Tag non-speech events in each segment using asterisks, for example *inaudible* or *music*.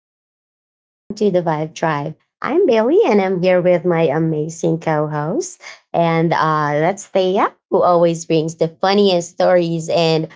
everyone. Welcome to the Vibe Tribe. I'm Bailey, and I'm here with my amazing co host. And That's Thea, who always brings the funniest stories, and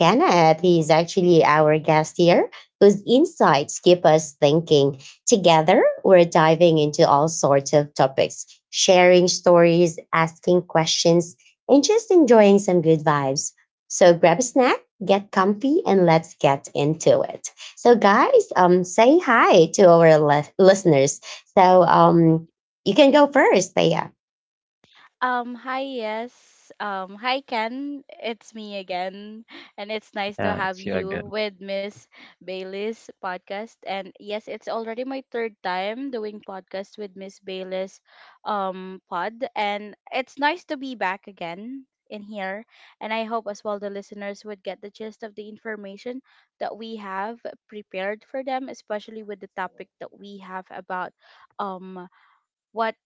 Kenneth, he's actually our guest here, whose insights keep us thinking. Together, we're diving into all sorts of topics, sharing stories, asking questions, and just enjoying some good vibes. So grab a snack, get comfy, and let's get into it. So, guys, say hi to our listeners. So, um, you can go first, Thea. Hi, yes. Hi, Ken. It's me again. And it's nice to Yeah, have it's you you again. with Miss Bailey's podcast. And yes, it's already my third time doing podcast with Miss Bailey's pod. And it's nice to be back again in here. And I hope as well the listeners would get the gist of the information that we have prepared for them, especially with the topic that we have about um what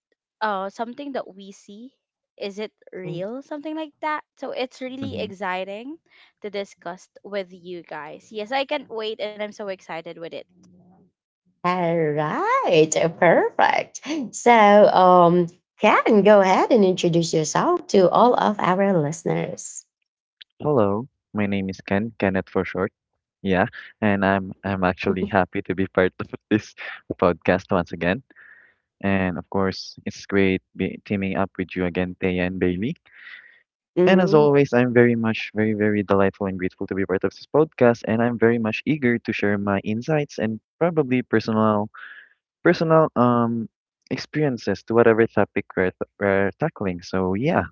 something that we see, is it real, something like that. So it's really hmm exciting to discuss with you guys. Yes, I can't wait and I'm so excited with it. All right, perfect. So, Karen, go ahead and introduce yourself to all of our listeners. Hello, my name is Ken, Kenneth for short. Yeah, and I'm actually *laughs* happy to be part *laughs* of this podcast once again. And of course, it's great be teaming up with you again, Taya and Bailey. And as Mhm. always, I'm very much, very, very delightful and grateful to be part of this podcast. And I'm very much eager to share my insights and probably personal experiences to whatever topic we're tackling. So yeah.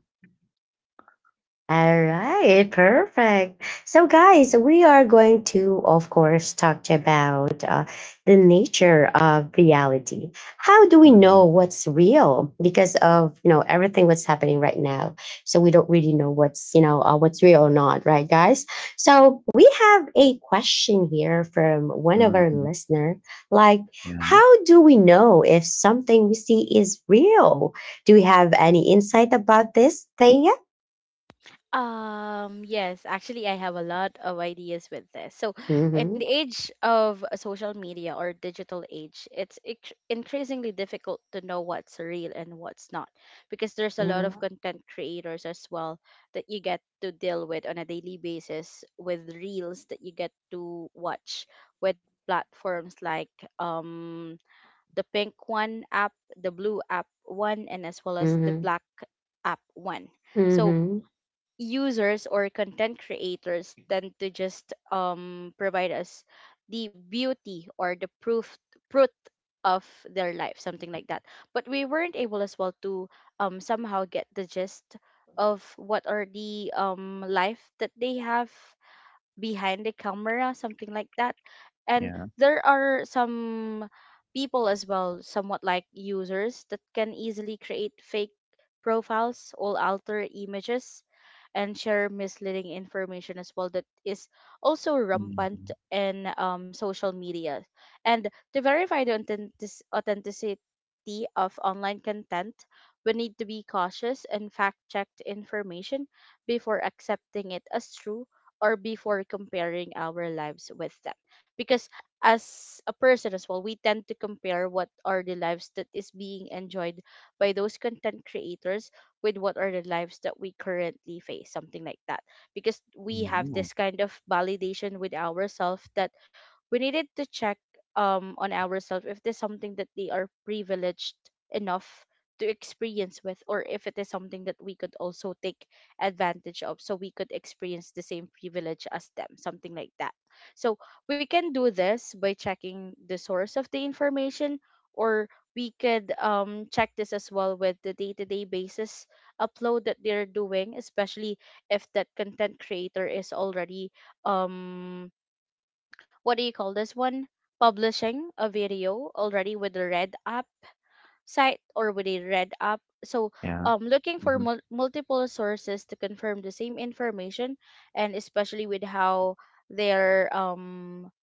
All right, perfect. So, guys, we are going to, of course, talk about the nature of reality. How do we Mm-hmm. know what's real, because of, you know, everything what's happening right now? So we don't really know what's, you know, what's real or not, right, guys? So we have a question here from one of our Mm-hmm. listener, like, Yeah. how do we know if something we see is real? Do we have any insight about this, Thea? Yes, actually, I have a lot of ideas with this. So, in the Hmm. age of social media or digital age, it's increasingly difficult to know what's real and what's not because there's a lot Mhm, of content creators as well that you get to deal with on a daily basis, with reels that you get to watch, with platforms like um the pink one app, the blue app one, and as well as the mhm, black app one. So, mhm. users or content creators tend to just provide us the beauty or the proof of their life, something like that. But we weren't able as well to somehow get the gist of what are the life that they have behind the camera, something like that. And Yeah. there are some people as well, somewhat like users, that can easily create fake profiles or alter images and share misleading information as well, that is also rampant Mhm. in social media. And to verify the authenticity of online content, we need to be cautious and fact check the information before accepting it as true, or before comparing our lives with them. Because as a person as well, we tend to compare what are the lives that is being enjoyed by those content creators with what are the lives that we currently face, something like that. Because we have Mm. this kind of validation with ourselves that we needed to check on ourselves if there's something that they are privileged enough to experience with, or if it is something that we could also take advantage of so we could experience the same privilege as them, something like that. So we can do this by checking the source of the information, or we could check this as well with the day to day basis upload that they're doing, especially if that content creator is already, um, what do you call this one? Publishing a video already with the Red app site, or would they read up? So, Yeah. Looking for Mhm. Multiple sources to confirm the same information, and especially with how their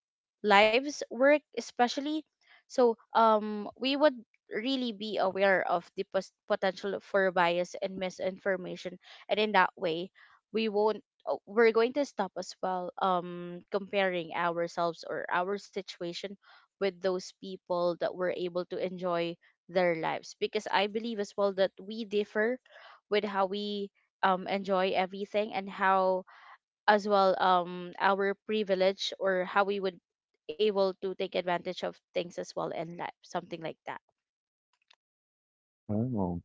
lives work especially. So we would really be aware of the potential for bias and misinformation, and in that way we won't we're going to stop as well comparing ourselves or our situation with those people that were able to enjoy their lives, because I believe as well that we differ with how we enjoy everything and how as well our privilege or how we would able to take advantage of things as well in life, something like that. Oh.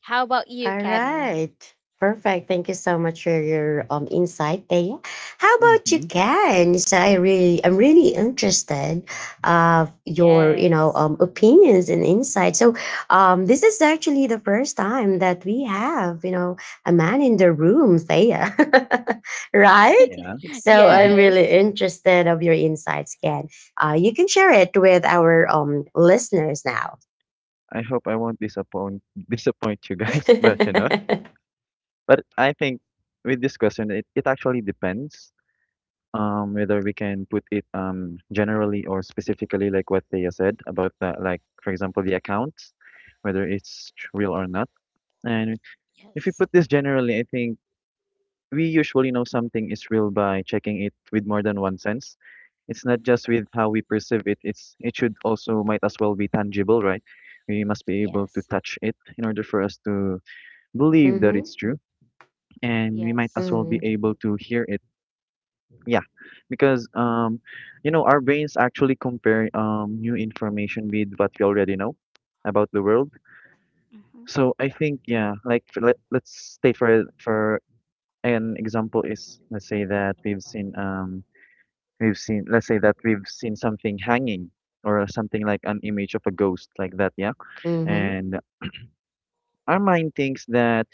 How about you, All Ken? right. Perfect. Thank you so much for your insight, Thea. How about you, Mhm. Ken? So I'm really interested of your, you know, Yes. Opinions and insights. So, this is actually the first time that we have, you know, a man in the room, Thea, *laughs* right? Yeah. *laughs* So I'm *laughs* really Yes. interested of your insights, Ken. You can share it with our listeners now. I hope I won't disappoint *laughs* disappoint you guys, *laughs* but you know, *laughs* but I think with this question, it actually depends whether we can put it generally or specifically like what Thea said about the like for example the accounts, whether it's real or not. And if we Yes. put this generally, I think we usually know something is real by checking it with more than one sense. It's not just with how we perceive it. It's it should also might as well be tangible, right? We must be able to Yes. touch it in order for us to believe that Mhm. it's true, and we might as Yes. well be Mm. able to hear it. Yeah, because you know, our brains actually compare new information with what we already know about the world. Hmm. So I think yeah, like let's state for an example is let's say that let's say that we've seen something hanging or something like an image of a ghost like that, yeah? Mhm. And our mind thinks that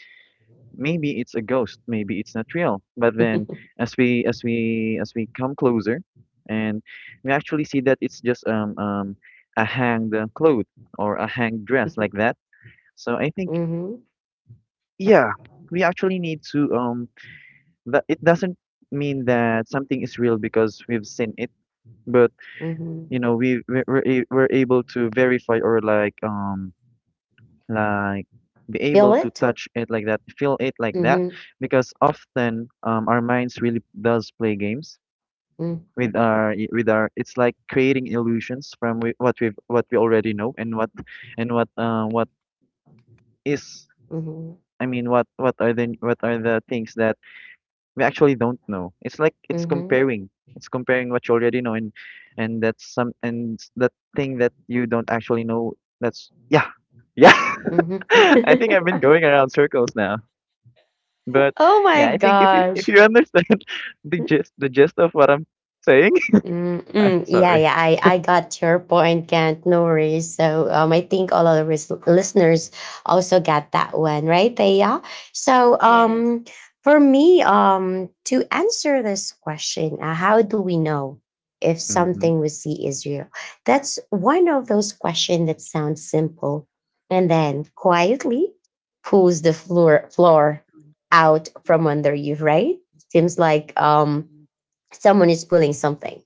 maybe it's a ghost, maybe it's not real. But then *laughs* as we come closer and we actually see that it's just a hanged cloth or a hanged dress like that. So I think Mhm. Mhm. yeah, we actually need to that it doesn't mean that something is real because we've seen it, but you know we're able to verify or like be able Feel to it? touch it like that, feel it like that, Mhm. because often our minds really does play games Mm. with our with our, it's like creating illusions from what we've what we already know and what is. Mhm. I mean what are the what are the things that we actually don't know. It's like it's Mhm. comparing. It's comparing what you already know and that's some and s- that thing that you don't actually know. That's yeah. Yeah. *laughs* Mhm. I think I've been *laughs* going around circles now. But Oh my yeah, I think if you if gosh. you understand *laughs* the gist of what I'm saying. *laughs* I'm Mm-mm. Yeah, sorry. yeah, I got your point, Kent. No worries. So, I think all of the listeners also got that one, right, Thea? So Yes. um, for me, to answer this question, how do we know if Mm-hmm. something we see is real? That's one of those questions that sounds simple and then quietly pulls the floor out from under you, right? Seems like someone is pulling something.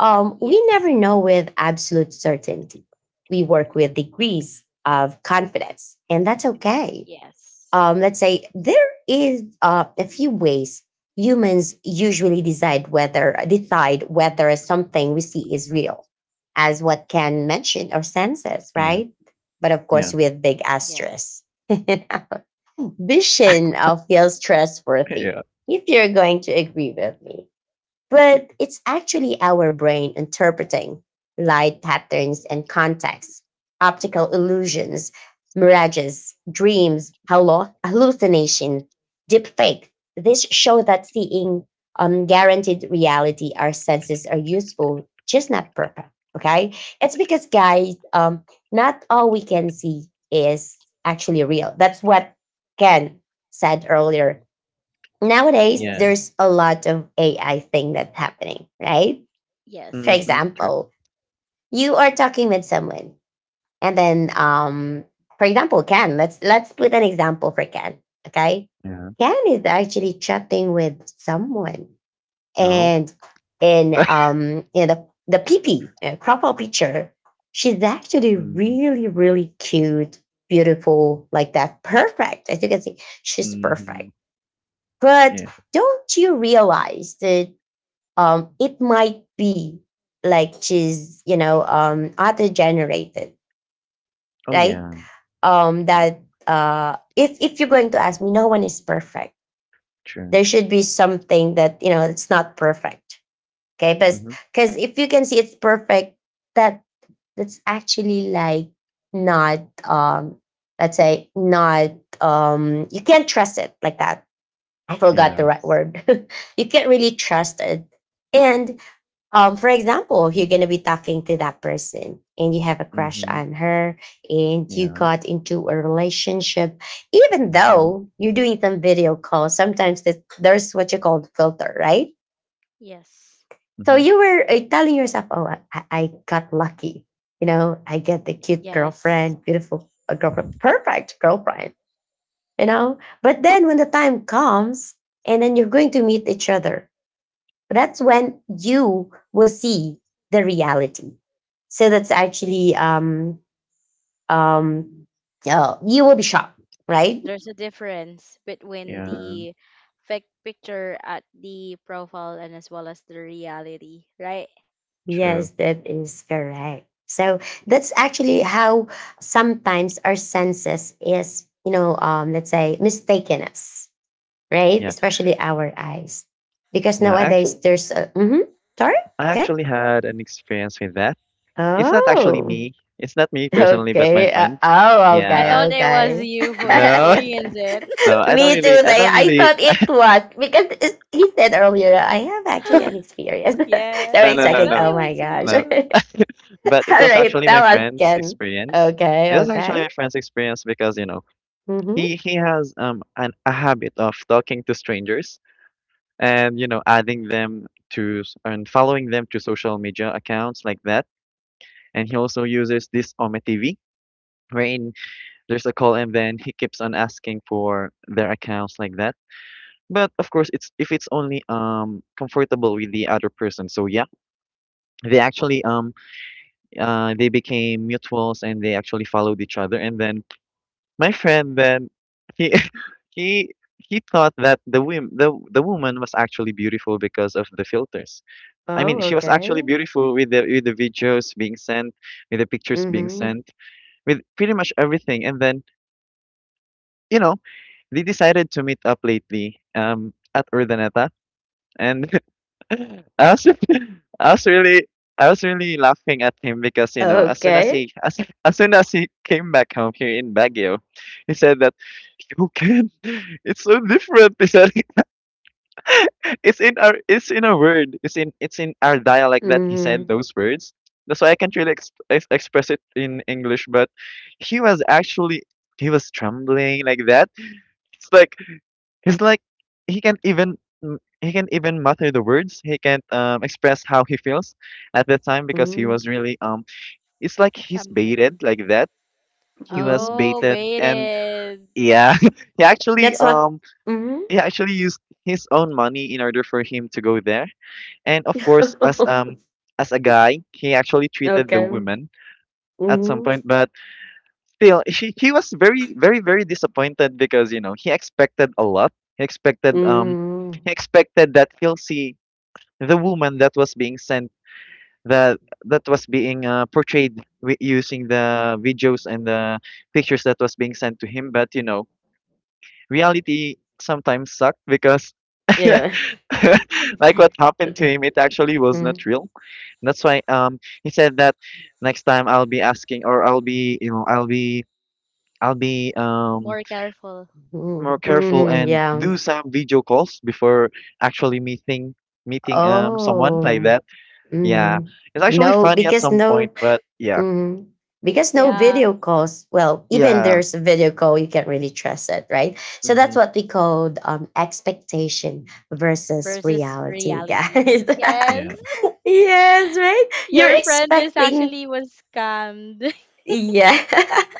We Yes. never know with absolute certainty. We work with degrees of confidence, and that's okay. Yes. Let's say there is a few ways humans usually decide whether something we see is real, as what can mention our senses, Yeah. right? But of course, Yeah. with *laughs* big Yes. asterisks. *laughs* Vision feels trustworthy. Yeah. If you're going to agree with me, but it's actually our brain interpreting light patterns and contexts, optical illusions, mirages, dreams, hallucination, deepfake. This show that seeing guaranteed reality, our senses are useful, just not perfect. Okay, it's because guys, not all we can see is actually real. That's what Ken said earlier. Nowadays Yeah. Yes. there's a lot of AI thing that's happening, right? For Yes. Yes. Mm-hmm. True. example, you are talking with someone, and then, for example, Ken. Let's put an example for Ken. Okay, Yeah. Ken is actually chatting with someone, No. *laughs* and in you know, the P P profile picture, she's actually Mm-hmm. really cute, beautiful, like that, perfect. As you can see, she's Mm-hmm. perfect, but Yeah. don't you realize that it might be like she's, you know, auto generated, Oh right? yeah. Yeah. That if you're going to ask me, no one is perfect. True. There should be something that you know it's not perfect. Okay, but Mm-hmm. because if you can see it's perfect, that that's actually like not let's say not you can't trust it like that. I forgot Yeah. the right Yes. word. *laughs* You can't really trust it. And for example, if you're gonna be talking to that person and you have a crush Mm-hmm. on her and you Yeah. got into a relationship, even Mhm, though you're doing some video calls, sometimes there's what you call the filter, right? Yes. So mhm. you were telling yourself, oh, I got lucky. You know, I get the cute Yes. girlfriend, beautiful girlfriend, perfect girlfriend, you know? But then when the time comes, and then you're going to meet each other, that's when you will see the reality. So that's actually um you will be shocked, right? There's a difference between Yeah, the fake picture at the profile and as well as the reality, right? true. Yes, that is correct. So that's actually how sometimes our senses is, you know, let's say mistaken us, right? Yeah, Especially our eyes, because yeah. Actually, nowadays there's a mhm, sorry, I okay, actually had an experience with that. It's not actually oh, me. It's not me *laughs* personally, but my okay, friend. oh, I okay, Yeah. thought it okay. was you who No, *laughs* experienced it. *laughs* no. I don't Me really. too. I They, don't I really. thought it was because it, he said earlier, I have actually an *laughs* experience. *laughs* So Yes, I'm No, no, I no, thought expecting, it no, oh was my gosh. *laughs* no. All you. But it was right, actually my tell us, friend's Ken. experience. Okay, It was actually okay. my friend's experience because you know Mm-hmm. he has an a habit of talking to strangers and you know adding them and following them to social media accounts like that. And he also uses this Ome TV wherein there's a call, and then he keeps on asking for their accounts like that. But of course, it's if it's only comfortable with the other person. So yeah, they actually they became mutuals and they actually followed each other. And then my friend then he *laughs* he thought that the the woman was actually beautiful because of the filters. I mean, Oh, she was actually okay. beautiful with the videos being sent, with the pictures being Mm-hmm. sent, with pretty much everything. And then you know they decided to meet up lately, at Urdaneta, and *laughs* I was, *laughs* I was really, I was really laughing at him because you know, Okay. As soon as he came back home here in Baguio, he said that you can, *laughs* it's so different. He said, *laughs* it's in a word, it's in our dialect that he said Mm-hmm. those words. That's why I can't really express it in English, but he was actually, he was trembling like that. It's like he's like he can't even he can't even mutter the words. He can't express how he feels at that time because he was really. It's like he's Trembling. baited like that. He was Mm-hmm. Oh, baited, and baited. yeah, *laughs* he actually That's what. um Mm-hmm. he actually used his own money in order for him to go there. And of course, *laughs* as a guy, he actually treated the Okay. woman at some Mm-hmm. point, but still, he was very very very disappointed because you know he expected a lot. He expected Mm-hmm. he expected that he'll see the woman that was being sent, that that was being portrayed using the videos and the pictures that was being sent to him, but you know reality sometimes sucked because *laughs* Yeah. like what happened to *laughs* him, it actually was not Mm-hmm. real. That's why he said that next time I'll be asking, or I'll be, you know, I'll be, I'll be More careful. more careful Mm-hmm. and Yeah. do some video calls before actually meeting someone like Oh. that. Yeah, Mhm. it's actually No, funny at because some point, no, but yeah, mhm. Because no Yeah, video calls. Well, even yeah, there's a video call, you can't really trust it, right? So that's mm-hmm. what we called expectation versus versus reality, reality. guys. Yes, Yeah, *laughs* Yes, right? *laughs* You're your friend is expecting, actually was scammed. yeah. *laughs*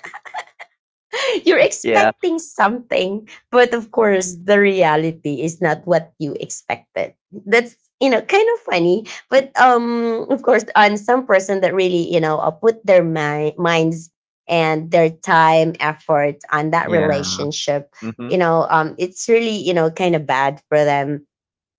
You're yeah, expecting something, but of course, the reality is not what you expected. That's you know kind of funny, but of course, on some person that really you know put their minds and their time, effort on that yeah, relationship, mm-hmm. you know, it's really you know kind of bad for them,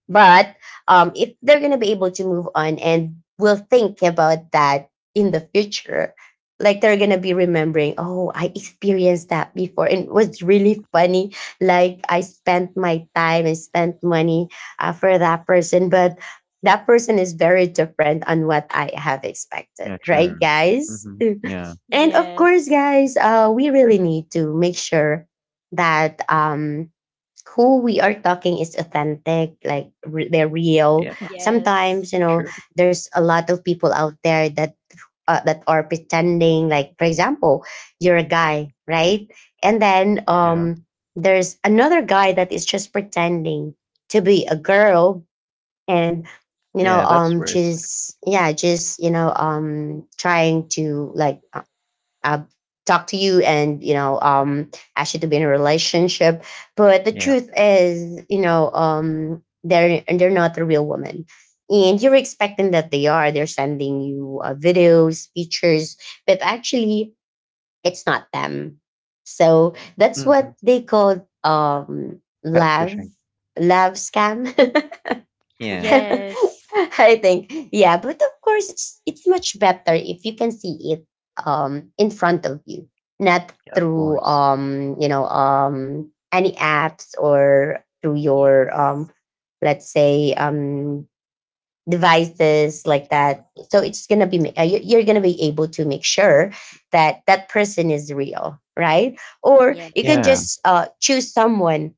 but if they're gonna be able to move on and will think about that in the future, like they're gonna be remembering, oh, I experienced that before, and it was really funny. Like I spent my time and spent money for that person, but that person is very different on what I have expected, Yeah, right, true, guys? mm-hmm. *laughs* Yeah, *laughs* And of course, Yes. guys, we really need to make sure that who we are talking is authentic, like they're real. yeah, Yes. Sometimes, you know, true, there's a lot of people out there that that are pretending. Like, for example, you're a guy, right? And then yeah, there's another guy that is just pretending to be a girl, and you know, yeah, that's worse. just yeah, just you know, trying to like uh, talk to you and you know ask you to be in a relationship, but the Yeah, truth is you know they're not a real woman, and you're expecting that they're sending you videos, pictures, but actually it's not them. So that's mm-hmm. what they call Catfishing. love scam. *laughs* *laughs* Yeah, Yes. I think, yeah, but of course, it's much better if you can see it in front of you, not yeah, of through course. You know any apps or through your Yes. let's say devices like that. So it's gonna be you're gonna be able to make sure that that person is real, right? Or you Yes. can Yeah, just choose someone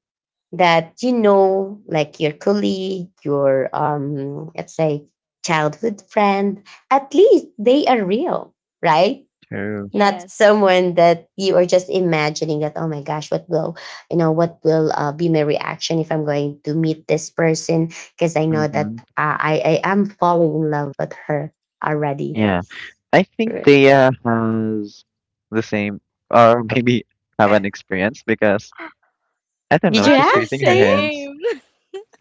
that you know, like your colleague, your let's say childhood friend, at least they are real, right? true. Not Yes. someone that you are just imagining that, oh my gosh, what will, you know, what will be my reaction if I'm going to meet this person? Because I know that Mm-hmm. I am falling in love with her already. Yeah, Yes. I think Right. they has the same or *laughs* maybe have an experience because I don't Did know. you Not She's have, the raising her Taya? hands. same.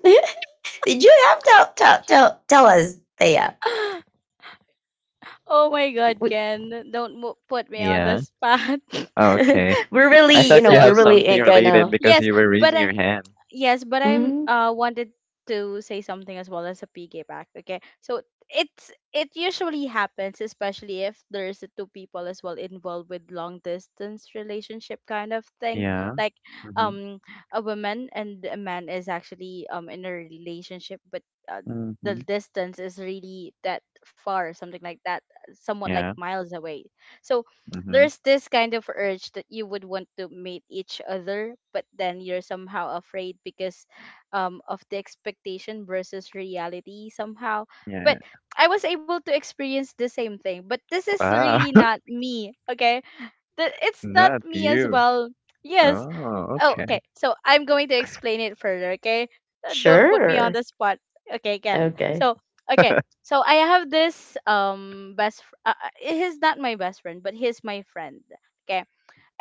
*laughs* Did you have? Tell us, Taya. *laughs* Oh my god, Ken. Don't put me on the Yeah. spot. *laughs* Oh, okay. *laughs* We're really, I you thought know, you So, we're have really something ain't related gonna. because yes, you were but raising I your hand. yes, but I'm Mm, wanted to say something as well as a piggyback. Okay, so it's it usually happens, especially if there's a two people as well involved with long distance relationship kind of thing. Yeah. Like Mhm. um a woman and a man is actually in a relationship, but uh, the Mhm. distance is really that far, something like that, somewhat like Yeah. miles away. So Mhm. there's this kind of urge that you would want to meet each other, but then you're somehow afraid because of the expectation versus reality somehow. But Yeah. I was able to experience the same thing, but this is Wow. really not *laughs* me. Okay, that it's not Not me as you. well. Yes. Oh, Oh, okay. okay. So I'm going to explain it further, okay? Don't put me on sure. the spot. Okay, again. Okay. So, okay. So I have this best he's not my best friend, but he's my friend. Okay?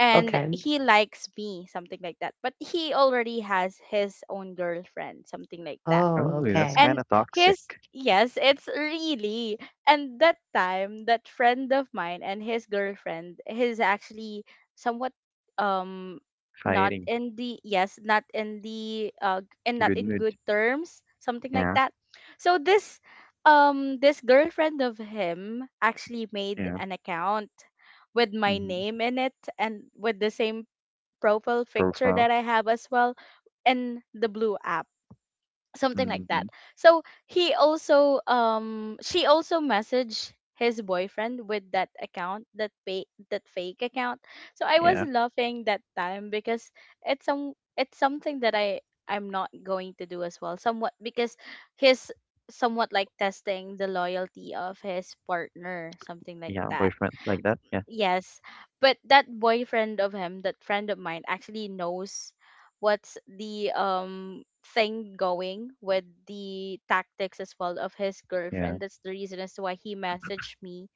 And Okay. he likes me, something like that. But he already has his own girlfriend, something like that. Oh, Oh, that's okay. And kind of toxic. his, yes, it's really, and that time that friend of mine and his girlfriend is actually somewhat um not Hiding. in the, yes, not in the and not Good in mood. good terms, something like Yeah. that. So this this girlfriend of him actually made Yeah. an account with my Mhm. name in it, and with the same profile picture Profile. that I have as well in the blue app, something like that. Mhm. So he also she also messaged his boyfriend with that account, that fake account. So I was Yeah. laughing that time because it's something that I'm not going to do as well, somewhat, because he's somewhat like testing the loyalty of his partner, something like Yeah. that. Boyfriend like that. Yeah. Yes, but that boyfriend of him, that friend of mine, actually knows what's the thing going with the tactics as well of his Yeah. girlfriend. That's the reason as to why he messaged me,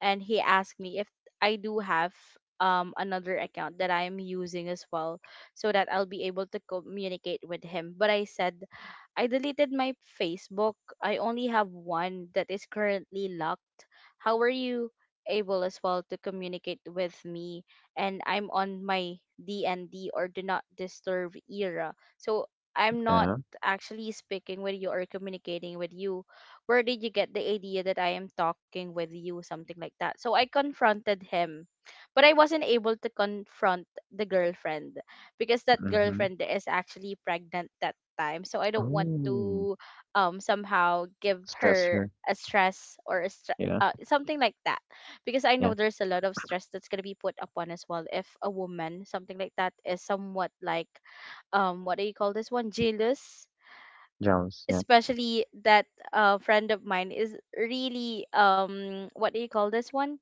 and he asked me if I do have another account that I'm using as well, so that I'll be able to communicate with him. But I said I deleted my Facebook. I only have one that is currently locked. How are you able as well to communicate with me? And I'm on my DND or do not disturb era. So I'm not Yeah. actually speaking with you or communicating with you. Where did you get the idea that I am talking with you? Something like that. So I confronted him, but I wasn't able to confront the girlfriend because that Mhm. girlfriend is actually pregnant that time. So I don't want Oh, to somehow give stress her her. a stress or a Yeah. Something like that, because I know Yeah. there's a lot of stress that's gonna be put upon as well if a woman, something like that, is somewhat like what do you call this one? Jealous. Jealous. Yeah. Especially that friend of mine is really what do you call this one?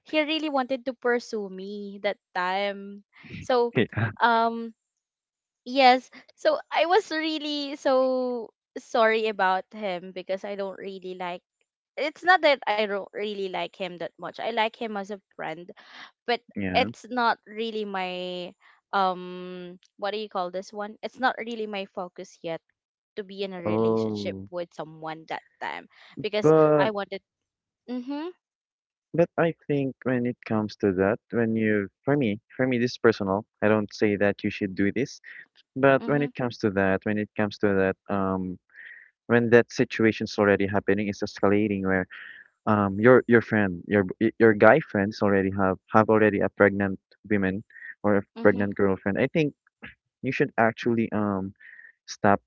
He really wanted to pursue me that time. So *laughs* um yes, so I was really so sorry about him, because I don't really like, it's not that I don't really like him that much, I like him as a friend, but Yeah. Yeah. it's not really my what do you call this one? It's not really my focus yet to be in a relationship Oh, with someone that time, because but I wanted. Mm-hmm, but I think when it comes to that, when you for me this is personal. I don't say that you should do this, but mm-hmm, when it comes to that, when it comes to that, when that situation's already happening, it's escalating where your friend, your your guy friends already have already a pregnant woman or a mm-hmm. pregnant girlfriend. I think you should actually stop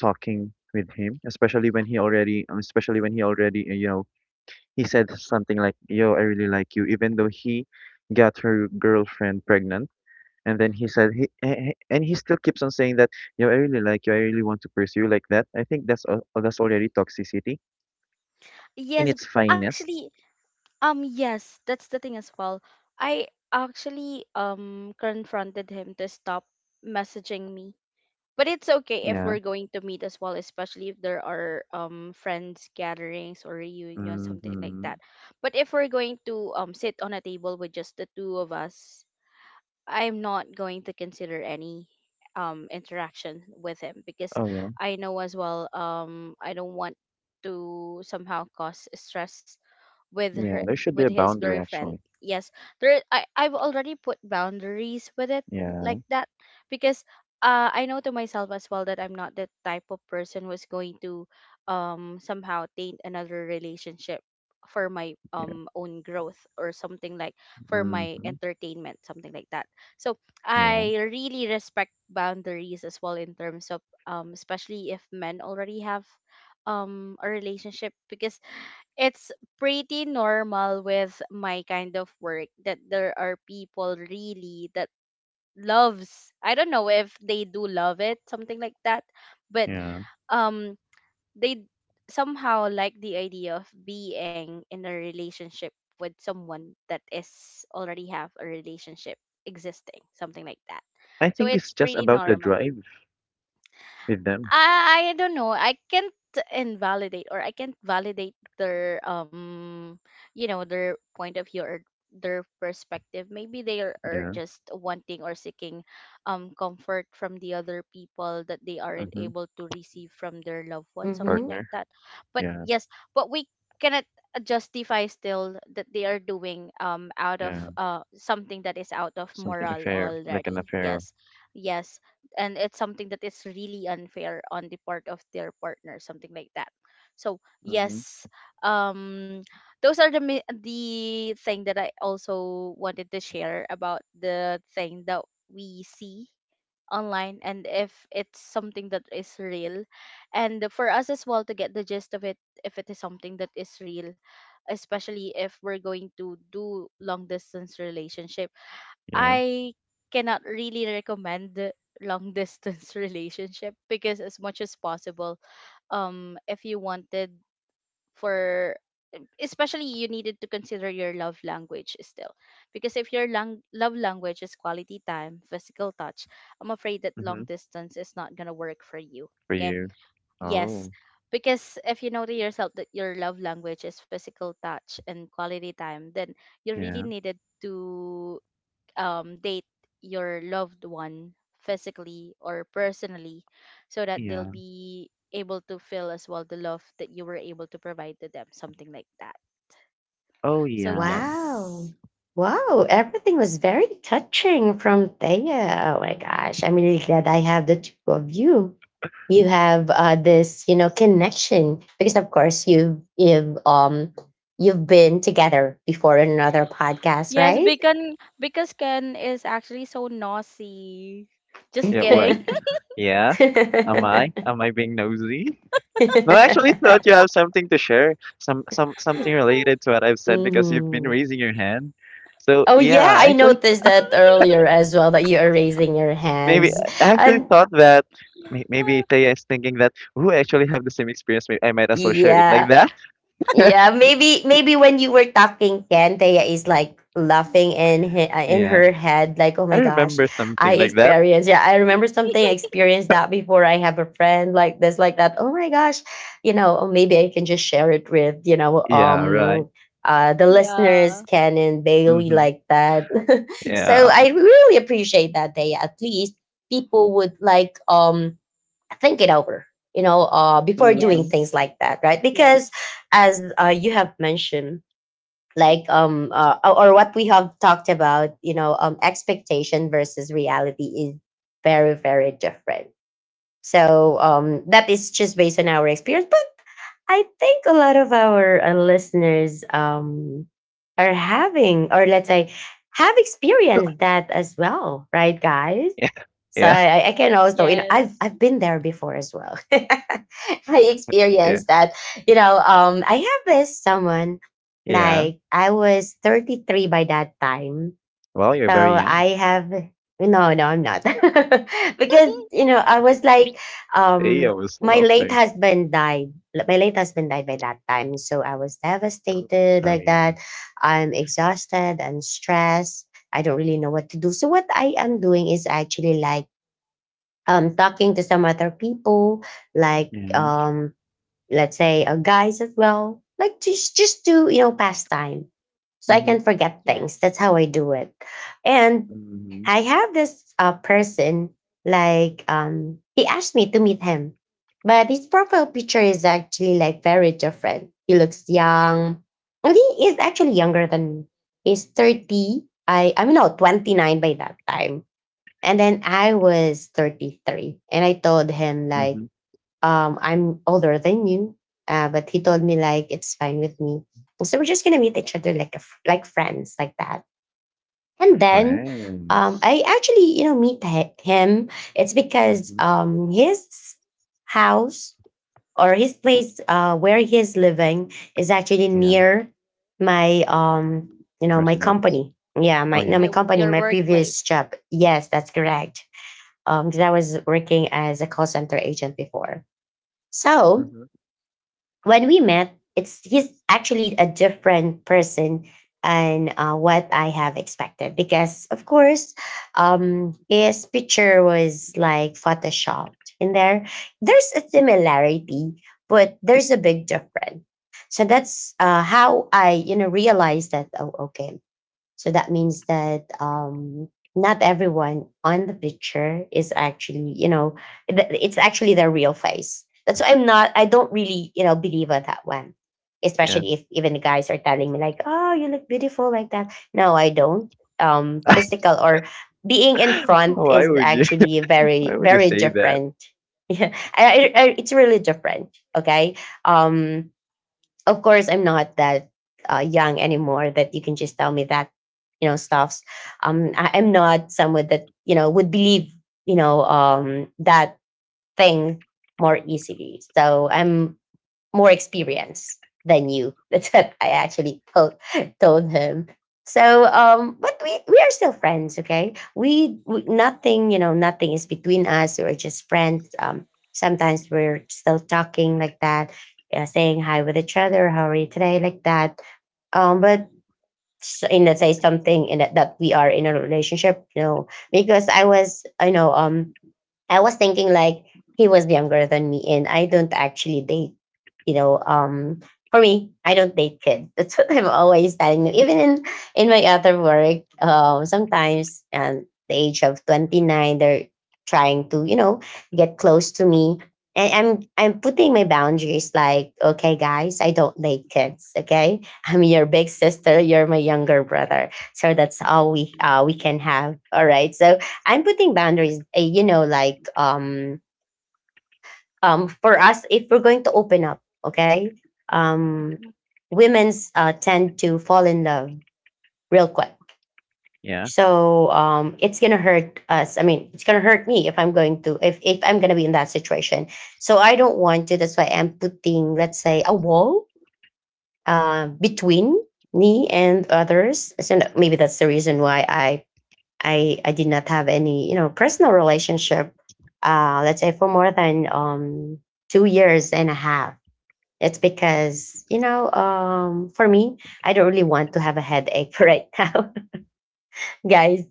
talking with him, especially when he already, especially when he already, you know. He said something like, "Yo, I really like you," even though he got her girlfriend pregnant. And then he said, and he still keeps on saying that, "Yo, I really like you. I really want to pursue you like that." I think that's that's already toxicity in Yes, its finest. actually, yes, that's the thing as well. I actually confronted him to stop messaging me. But it's okay if Yeah. we're going to meet as well, especially if there are friends gatherings or reunion, something like Mm-hmm. that. But if we're going to sit on a table with just the two of us, I'm not going to consider any interaction with him, because Oh yeah. I know as well I don't want to somehow cause stress with her, Yeah. There should with be a his boundary girlfriend. actually. Yes, there, I've already put boundaries with it, Yeah. like that, because I know to myself as well that I'm not the type of person who's going to somehow taint another relationship for my Yeah. Own growth or something like, for my Mm-hmm. entertainment, something like that. So Yeah. I really respect boundaries as well in terms of especially if men already have a relationship, because it's pretty normal with my kind of work that there are people really that loves, I don't know if they do love it, something like that, but Yeah. um they somehow like the idea of being in a relationship with someone that is already have a relationship existing, something like that. I So think it's it's just pretty about the normal. drive with them. I don't know. I can't invalidate or I can't validate their you know, their point of view or their perspective. Maybe they are Yeah. just wanting or seeking comfort from the other people that they aren't Mm-hmm. able to receive from their loved one, something Mm-hmm. like Partner. that. But Yeah. yes, but we cannot justify still that they are doing out of Yeah. Something that is out of Something moral affair, like an already. affair. Yes. Yes, and it's something that is really unfair on the part of their partner, something like that, so Mm-hmm. yes. um those are the thing that I also wanted to share about the thing that we see online, and if it's something that is real, and for us as well to get the gist of it, if it is something that is real, especially if we're going to do long distance relationship. Yeah. I cannot really recommend the long distance *laughs* relationship because as much as possible, if you wanted for, especially you needed to consider your love language still, because if your love language is quality time, physical touch, I'm afraid that long Mhm, distance is not going to work for you. for Okay, you. yes. Oh, Because if you know to yourself that your love language is physical touch and quality time, then you really yeah, needed to date your loved one physically or personally, so that they'll yeah. be able to feel as well the love that you were able to provide to them, something like that. Oh, So yeah. yes. Wow. Wow. Everything was very touching from Thea. Oh my gosh. I'm really glad I have the two of you. You have this, you know, connection because, of course, you've been together before in another podcast, Yes, right? beacon because Ken is actually so nosy. Just Yeah, kidding. wait. Yeah? Am I? Am I *laughs* being nosy? No, I actually thought you have something to share. Some *laughs* something *laughs* related to what I've said because you've been Hmm. raising your hand. So Oh yeah, yeah, I I actually noticed that earlier as well that you are raising your maybe hands. I actually And thought that may- maybe Taya is thinking that who actually have the same experience, maybe I might as well share it like yeah, that. yeah, maybe maybe when you were talking, Ken, Thea is like laughing in in Yeah. her head, like, "Oh I my gosh, remember something I like that. experienced. Yeah, I remember something. I experienced that before. I have a friend like this, like that. Oh my gosh, you know, or maybe I can just share it with you know, Yeah, right. The listeners, Yeah. Ken and Bailey, Mm-hmm. like that." *laughs* So Yeah. I really appreciate that, Thea. At least people would like think it over, you know before doing Mm-hmm. things Yes. like that, right? Because Yes. as you have mentioned, like or what we have talked about, you know expectation versus reality is very different. So that is just based on our experience, but I think a lot of our listeners are having, or let's say have experienced that as well, right, guys? *laughs* So Yeah. I can also, you know, Yes. I've been there before as well. *laughs* I Yeah. experienced that. You know, I have this someone, Yeah. like I was 33 by that time. Well, you're very So young. I have no, no, I'm not. *laughs* Because, *laughs* you know, I was like, Hey, I um, was my late laughing. husband died. Like, my late husband died by that time. So I was Oh, devastated like sorry. that. I'm exhausted, I'm stressed. I don't really know what to do. So what I am doing is actually like talking to some other people, like Yeah. Let's say guys as well, like just to pass time, so I can Mm-hmm. forget things. Yes. That's how I do it, and Mm-hmm. I have this person like he asked me to meet him, but his profile picture is actually like very different. He looks young, and he is actually younger than me. He's 30. I'm not 29 by that time and then I was 33 and I told him like, Mm-hmm. I'm older than you. But he told me like, it's fine with me. So we're just going to meet each other like, like friends like that. And then, Friends. I actually meet him. It's because, Mm-hmm. His house or his place, where he is living is actually Yeah. near my, my Residents. company. Yeah. Oh My, yeah. no, My, my company, your my previous workplace. job. Yes, that's correct because I was working as a call center agent before. So Mm-hmm. when we met, it's he's actually a different person and what I have expected because of course his picture was like photoshopped in there. There's a similarity, but there's a big difference. So that's how I realized that. Oh, okay, so that means that not everyone on the picture is actually, you know, it's actually their real face. That's why I'm not, I don't really believe on that one. Yeah. Especially if even the guys are telling me like, "Oh, you look beautiful like that." No, I don't. Physical or being in *laughs* front Why is would you? actually *laughs* very, Why would you very say that? different. *laughs* Yeah, it's really different. Okay. Um, of course I'm not that young anymore that you can just tell me that stuffs I'm not someone that would believe that thing more easily so I'm more experience than you. *laughs* That's what I actually told him. So, but we are still friends, okay? We nothing nothing is between us. We're just friends. Sometimes we're still talking like that, saying hi with each other. How are you today? Like that. But in let's say something in that we are in a relationship, you know, because I was, I know, I was thinking like he was younger than me and I don't actually date, you know, um for me, I don't date kids. *laughs* That's what I'm always telling them. Even in my other work, sometimes at the age of 29 they're trying to get close to me. And I'm putting my boundaries like, okay guys, I don't date kids, okay? I'm your big sister, you're my younger brother. So that's all we can have. All right. So I'm putting boundaries, like for us if we're going to open up, okay? Um Mhm. women's tend to fall in love real quick. Yeah. So it's gonna hurt us. I mean, it's gonna hurt me if I'm going to if I'm gonna be in that situation. So I don't want to. That's why I'm putting, let's say, a wall between me and others. So maybe that's the reason why I did not have any personal relationship. Let's say for more than 2 years and a half. It's because for me, I don't really want to have a headache *laughs* right now guys.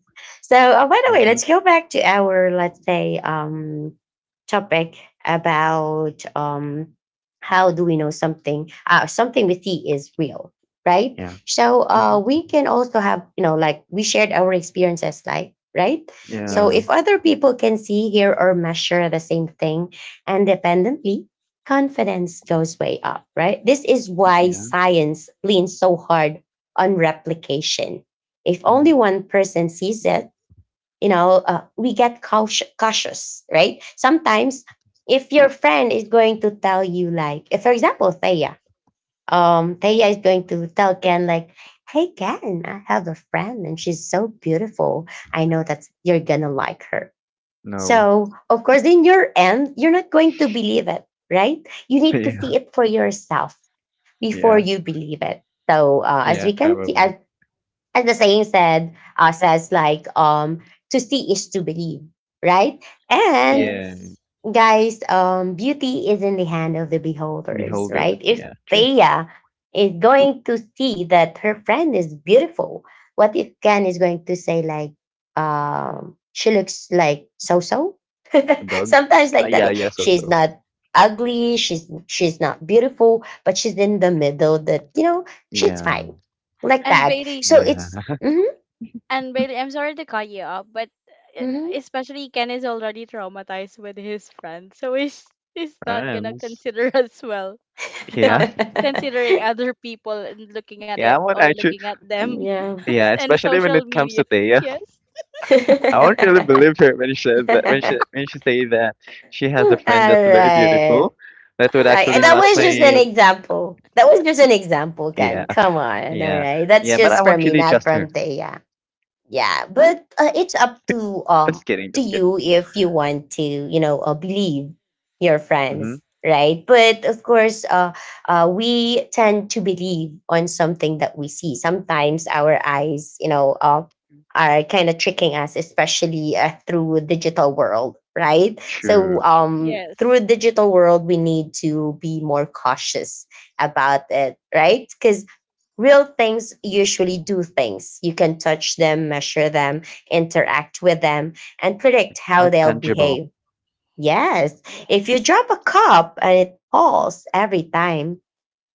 So, by the way, Mm-hmm. let's go back to our let's say topic about how do we know something something we see is real, right? Yeah. So, Mm-hmm. we can also have like we shared our experiences, like right. So, Yeah. if Yes. other people can see, hear, or measure the same thing independently. Confidence goes way up, right? This is why Yeah. science leans so hard on replication if only Mm-hmm. one person sees it, we get cautious, right? Sometimes, if your friend is going to tell you, like, if, for example, Thea is going to tell Ken, like, hey, Ken, I have a friend and she's so beautiful. I know that you're going to like her. No. *laughs* So, of course, in your end, you're not going to believe it, right? You need to Yeah. see it for yourself before Yeah. you believe it. So, as Yeah. we can see, Probably. as the saying said says like to see is to believe, right? And Yeah. Yes. guys, beauty is in the hand of the beholders, Beholder. right? If Yeah. True. Thea is going to see that her friend is beautiful, what if Ken is going to say like, she looks like so so, A *laughs* dog. sometimes like that, Yeah. Yes. she's Also. not ugly, she's not beautiful, but she's in the middle that she's Yeah. fine like And that, Bailey. so Yeah. it's And Bailey, I'm sorry to cut you off, but uh, hmm especially Ken is already traumatized with his friend, so he's *laughs* not gonna Friends. consider *laughs* as well. *laughs* Yeah. Um, yeah. considering other people and looking at it Yeah, I would or actually. looking at them *laughs* Yeah, *laughs* and especially when social it comes media. to *laughs* Thea, Yes. I won't really believe her when she says that, when she say that she has All a friend that's very right. beautiful, that would actually that match was just an my. *laughs* example. That was just an example, Ken. Yeah, Come on. All yeah, right. That's yeah. But I just from won't me, really not trust her. from Thea. Yeah, but it's up Just kidding, to just kidding. you if you want to believe your Mm-hmm. friends, right? But of course, we tend to believe on something that we see. Sometimes our eyes, are kind of tricking us, especially through digital world, right? So True. Through Yes. digital world we need to be more cautious about it, right? Because real things usually do things. You can touch them, measure them, interact with them, and predict how Like they'll tangible. behave. Yes, if you Yes. drop a cup and it falls every time,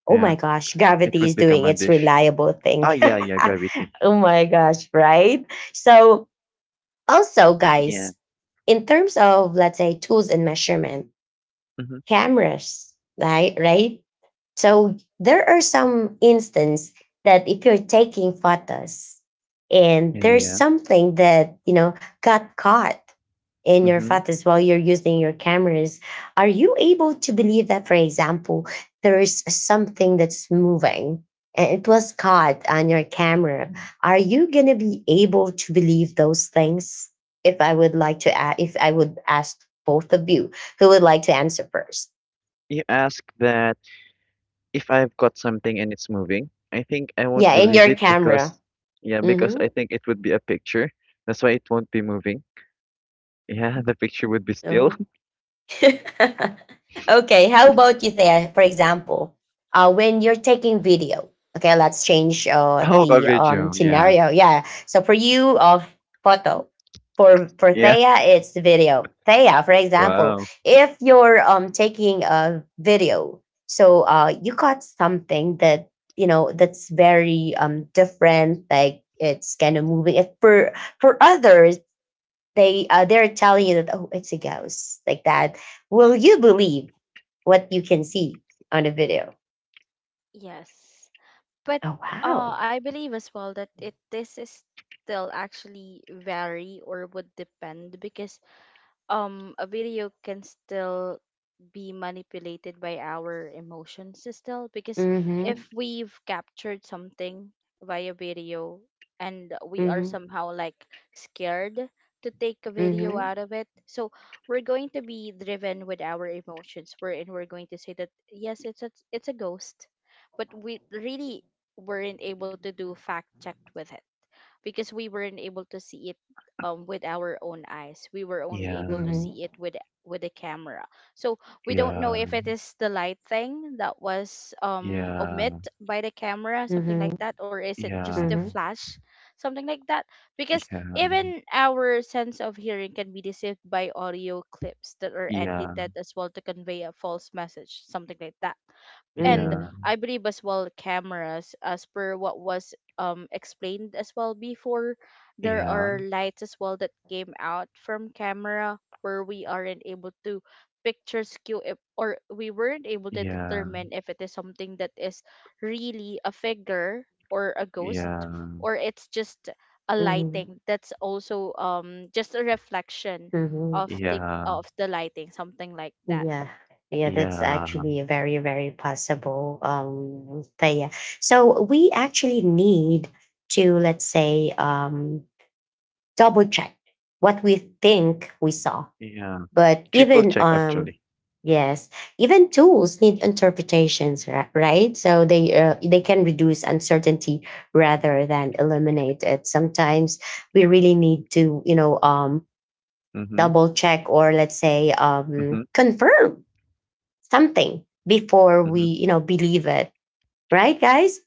oh Yeah, my gosh, it gravity would is doing become a its dish. reliable thing. Ah, yeah, yeah. Gravity. *laughs* Oh my gosh, right? So, also, Yeah. guys, in terms of, let's say, tools and measurement, Mm-hmm. cameras, right? Right? So there are some instances that if you're taking photos and Yeah, yeah, there's yeah. something that got caught in your Mm-hmm. photos while you're using your cameras, are you able to believe that, for example, there is something that's moving and it was caught on your camera? Are you going to be able to believe those things? If I would like to, if I would ask both of you, who would like to answer first. You ask that. If I've caught something and it's moving, I think I won't Yeah, in believe your it camera. because, yeah, because Mm-hmm. I think it would be a picture. That's why it won't be moving. *laughs* Yeah, the picture would be still. Oh. *laughs* *laughs* Okay. How about you there? For example, when you're taking video, okay, let's change Oh, a the video. Yeah. scenario. Yeah. So for you, of photo. For Yeah. Thea, it's video. Thea, for example, Wow. if you're taking a video, so you caught something that that's very different, like it's kind of moving. If for others they're telling you that oh it's a ghost like that, will you believe what you can see on the video? Yes. But Oh, wow. I believe as well that it this is still actually vary or would depend because a video can still be manipulated by our emotions still, because Mhm, if we've captured something via video and we are mhm, somehow like scared to take a video mhm, out of it, so we're going to be driven with our emotions. We're going to say that yes, it's a ghost, but we really weren't able to do fact checked with it because we weren't able to see it with our own eyes. We were only Yeah. able to mhm, see it with the camera. So we don't know Yeah. if it is the light thing that was omit Yeah. by the camera, something like mhm, that, or is it just Yeah. the mhm, flash, something like that. Because Yeah. even our sense of hearing can be deceived by audio clips that are Yeah. edited as well to convey a false message, something like that. And mhm, Yeah. I believe as well cameras, as per what was explained as well before, Yeah. there Yeah. are lights as well that came out from camera where we aren't able to picture skew if, or we weren't able to determine if it is something that is really a figure or a ghost, or it's just a mhm, lighting that's also just a reflection mhm. of Yeah. Yeah. The lighting, something like that. Yeah, yeah, that's Yeah. actually a very, very possible thing, yeah. So we actually need to, let's say, double check what we think we saw. Yeah. But Triple even check actually. yes, even tools need interpretations, right? So they can reduce uncertainty rather than eliminate it. Sometimes we really need to, you know, Mm-hmm. double check or, let's say, Mm-hmm. Confirm something before weMm-hmm. Believe it. Right, guys?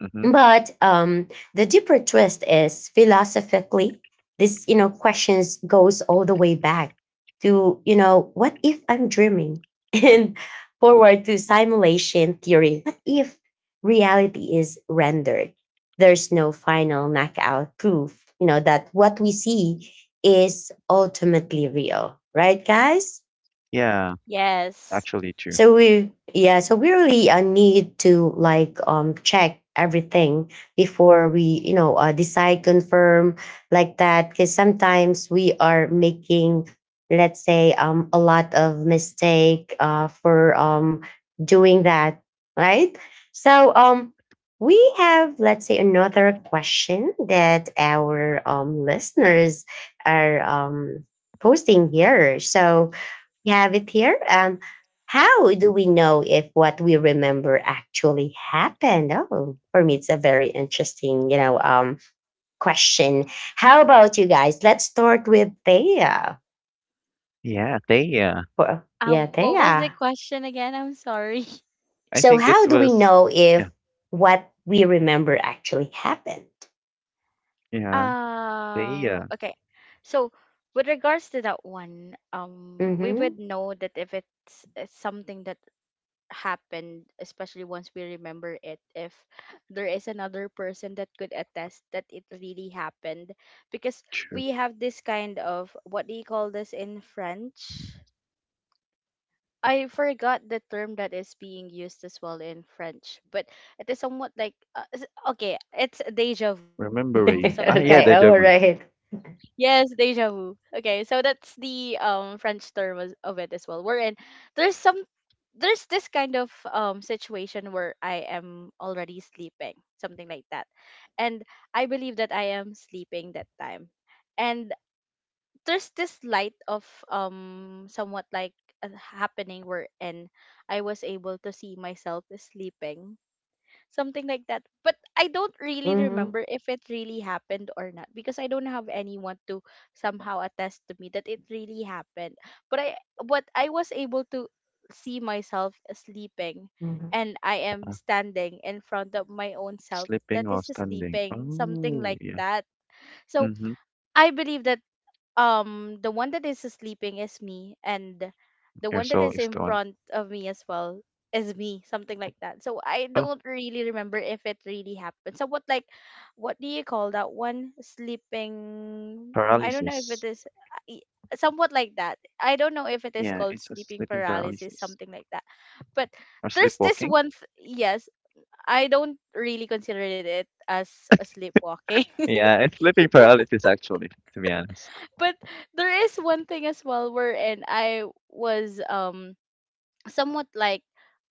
Mm-hmm. But the deeper twist is philosophically, this questions goes all the way back to what if I'm dreaming, *laughs* and forward to simulation theory. What if reality is rendered? There's no final knockout proof. You know that what we see is ultimately real, right, guys? Yeah. Yes. Actually true. So we yeah so we really need to like check everything before we decide confirm like that, because sometimes we are making, let's say, a lot of mistake for doing that, right? So we have, let's say, another question that our listeners are posting here, so Gavit here. How do we know if what we remember actually happened? Oh, for me, it's a very interesting question. How about you guys? Let's start with Thea. Yeah, Thea. Yeah, What was the Thea. question again? I'm sorry. *laughs* I So, think it how do we was, know yeah, if what we remember actually happened? yeah, Thea. okay. So, with regards to that one, we Mm-hmm. would know that if it's something that happened, especially once we remember it, if there is another person that could attest that it really happened, because True. we have this kind of, what do you call this in French? I forgot the term that is being used as well in French, but it is somewhat like okay, it's déjà vu, *laughs* something like that. Remembering. Ah, yeah, Okay. deja All vu. right. Yes, déjà vu. Okay, so that's the French term as of it as well. We're in there's some there's this kind of situation where I am already sleeping, something like that, and I believe that I am sleeping that time, and there's this light of somewhat like a happening wherein I was able to see myself sleeping, something like that. But I don't really Mm-hmm. remember if it really happened or not, because I don't have anyone to somehow attest to me that it really happened. But I was able to see myself sleeping, and I am standing in front of my own self Slipping that while is standing. sleeping, something Oh, like yeah. that. So Mm-hmm. I believe that the one that is sleeping is me, and the Your one that soul is is in the one. front of me as well is me, something like that, so I Oh, don't really remember if it really happened. So what, like, what do you call that one, sleeping? I don't know if it paralysis. is I- somewhat like that. I don't know if it is Yeah, called it's a sleeping sleeping paralysis, paralysis. something like that. But Or there's this sleepwalking. Yes, I don't really consider it as a sleepwalking. Yeah, it's sleeping paralysis, actually, to be honest. But there is one thing as well wherein I was somewhat like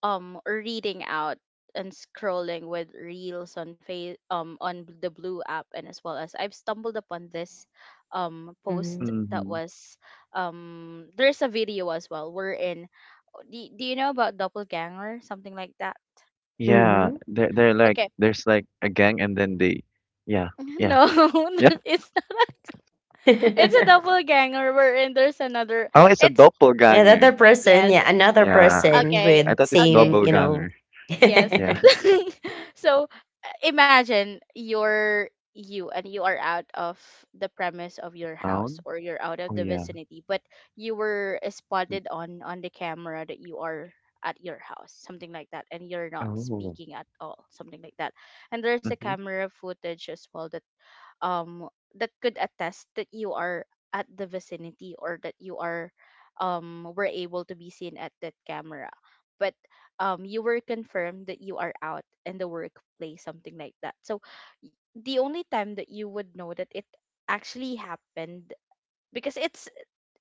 reading out and scrolling with reels on face on the blue app, and as well as I've stumbled upon this Mm-hmm. post that Mm-hmm. was there's a video as well wherein, oh, do you know about doppelganger, something like that? Yeah, they're like, Okay. there's like a gang and then they, yeah, *laughs* No. yeah, yeah. *laughs* *laughs* It's not. *laughs* It's a Mm-hmm. *laughs* doppelganger wherein there's another. Oh, it's a It's doppelganger. Another person, yes. yeah, another Yeah, person Okay. I with thought it's same, Okay. double you know. ganger. *laughs* Yes. Yeah. That's *laughs* So, imagine you're you, and you are out of the premise of your house, Down? or you're out of Oh, the yeah. vicinity, but you were spotted on the camera that you are at your house, something like that, and you're not Oh. speaking at all, something like that. And there's a Mhm. camera footage as well that um that could attest that you are at the vicinity, or that you are were able to be seen at that camera, but you were confirmed that you are out in the workplace, something like that, so the only time that you would know that it actually happened, because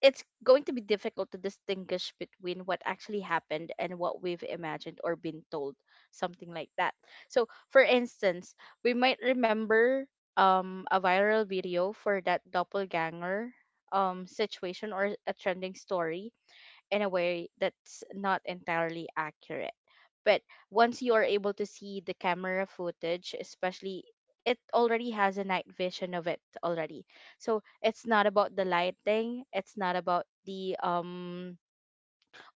it's going to be difficult to distinguish between what actually happened and what we've imagined or been told, something like that. So for instance, we might remember a viral video for that doppelganger situation or a trending story in a way that's not entirely accurate. But once you are able to see the camera footage, especially it already has a night vision of it already. So it's not about the lighting, it's not about the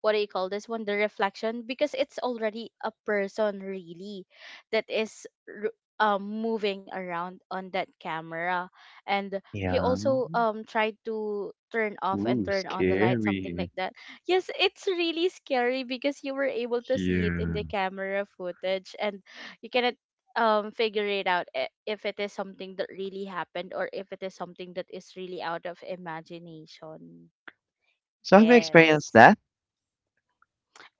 what do you call this one, the reflection, because it's already a person really that is moving around on that camera, and he Yeah. also tried to turn off and Ooh, turn on the light, something scary. like that. Yes, it's really scary because you were able to see it in Yeah. the camera footage, and you cannot figure it out, if it is something that really happened, or if it is something that is really out of imagination. So have you experienced Yes. that?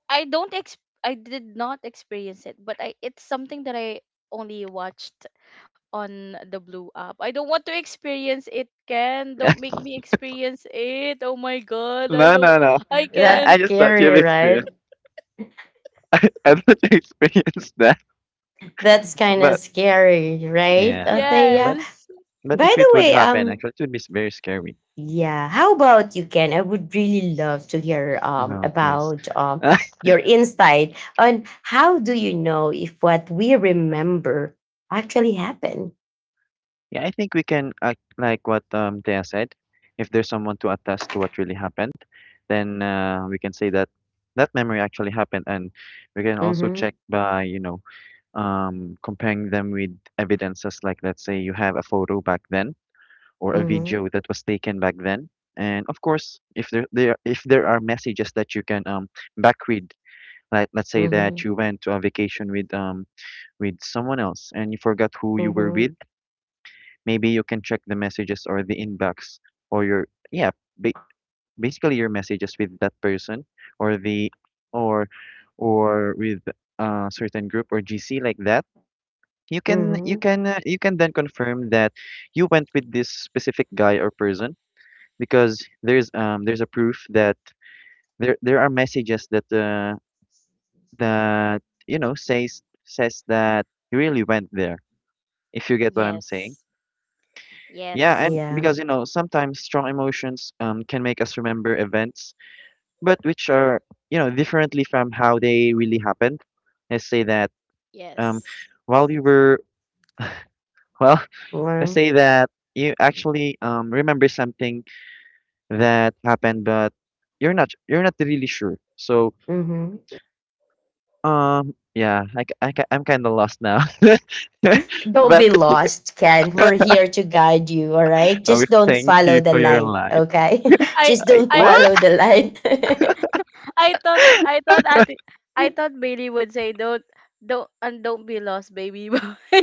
I don't ex I did not experience it, but I it's something that I only watched on the blue app. I don't want to experience it, Ken. Don't *laughs* make me experience it. Oh my god, I No, don't. no, no. I I can't. just thought you've scary, experienced. right? *laughs* I thought you experienced that. That's kind of But scary, right, yeah, but Athea? Yes. but By if the it would way, happen, actually, it would be very scary. yeah, how about you, Ken? I would really love to hear No, please. about *laughs* your insight on how do you know if what we remember actually happened. Yeah, I think we can, like what Thea said, if there's someone to attest to what really happened, then we can say that that memory actually happened. And we can also Mm-hmm. check by, comparing them with evidences like, let's say, you have a photo back then or a Mm-hmm. video that was taken back then. And of course, if there are messages that you can back read, like let's say that Mm-hmm. you went to a vacation with with someone else and you forgot who you were Mm-hmm. with. Maybe you can check the messages or the inbox or your yeah ba- basically your messages with that person or the or or with a certain group or gc like that. you can you Mm-hmm. can uh, you can then confirm that you went with this specific guy or person because there's a proof that there are messages that that says says that you really went there, if you get what I'm saying. Yes. Yeah, and Yes. Yeah. because you know, sometimes strong emotions can make us remember events, but which are you know differently from how they really happened. Let's say that um, Yes. while you were well, *laughs* let's Mm-hmm. say that you actually remember something that happened, but you're not really sure. So yeah, I'm kind of lost now. *laughs* Don't But be lost, Ken. We're *laughs* here to guide you, all right? oh, Just don't thank follow you the for your light, light. okay? *laughs* I Just I, don't I follow what? the light. *laughs* I thought I thought at I thought Bailey would say don't be lost, baby boy. *laughs*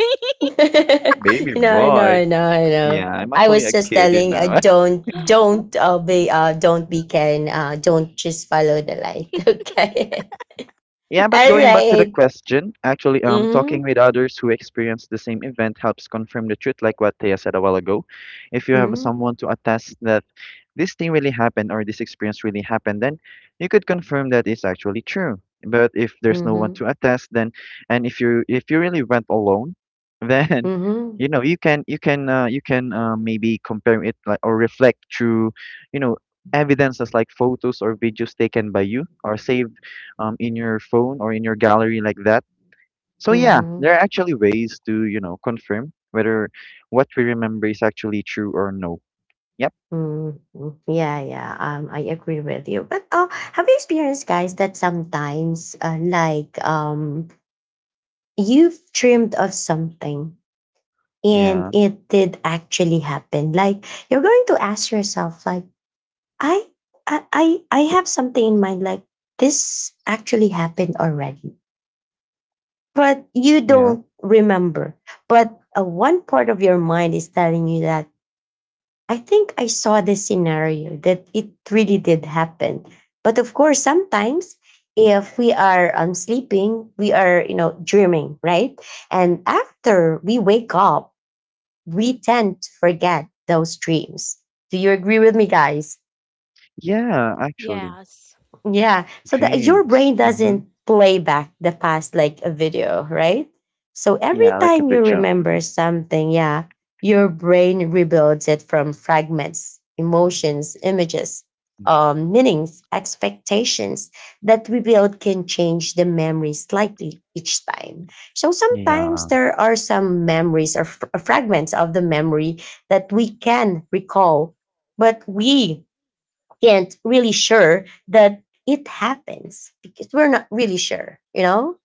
*laughs* Baby No, boy? no, no, no. Yeah, I'm I actually was a just kid, you telling, know. Don't be Ken. Don't just follow the light, *laughs* okay? *laughs* Yeah, but All going back to the right. question, actually, talking Mm-hmm, with others who experience the same event helps confirm the truth, like what Thea said a while ago. If you have mm-hmm, someone to attest that this thing really happened or this experience really happened, then you could confirm that it's actually true. But if there's no one mm-hmm, to attest, then and if you really went alone, *laughs* then mm-hmm, you know you can maybe compare it like or reflect through, you know, evidences like photos or videos taken by you or saved in your phone or in your gallery like that. So yeah, mm-hmm. there are actually ways to, you know, confirm whether what we remember is actually true or no. Yep. Mm. Yeah, yeah. I agree with you. But have you experienced, guys, that sometimes, you've dreamed of something and Yeah. it did actually happen? Like, you're going to ask yourself, like, I, I, I, I have something in mind. Like, this actually happened already, but you Yeah. don't remember. But one part of your mind is telling you that I think I saw this scenario that it really did happen. But of course, sometimes if we are sleeping, we are, you know, dreaming, right? And after we wake up, we tend to forget those dreams. Do you agree with me, guys? Yeah, actually. Yes. Yeah. So the, your Dreams. brain Mm-hmm. doesn't play back the past like a video, right? So every Yeah, like a time you picture. Mm-hmm. remember something, yeah, your brain rebuilds it from fragments, emotions, images, meanings, expectations. That rebuild can change the memory slightly each time. So sometimes Yeah. there are some memories or fragments of the memory that we can recall, but we can't really sure that it happens because we're not really sure, you know?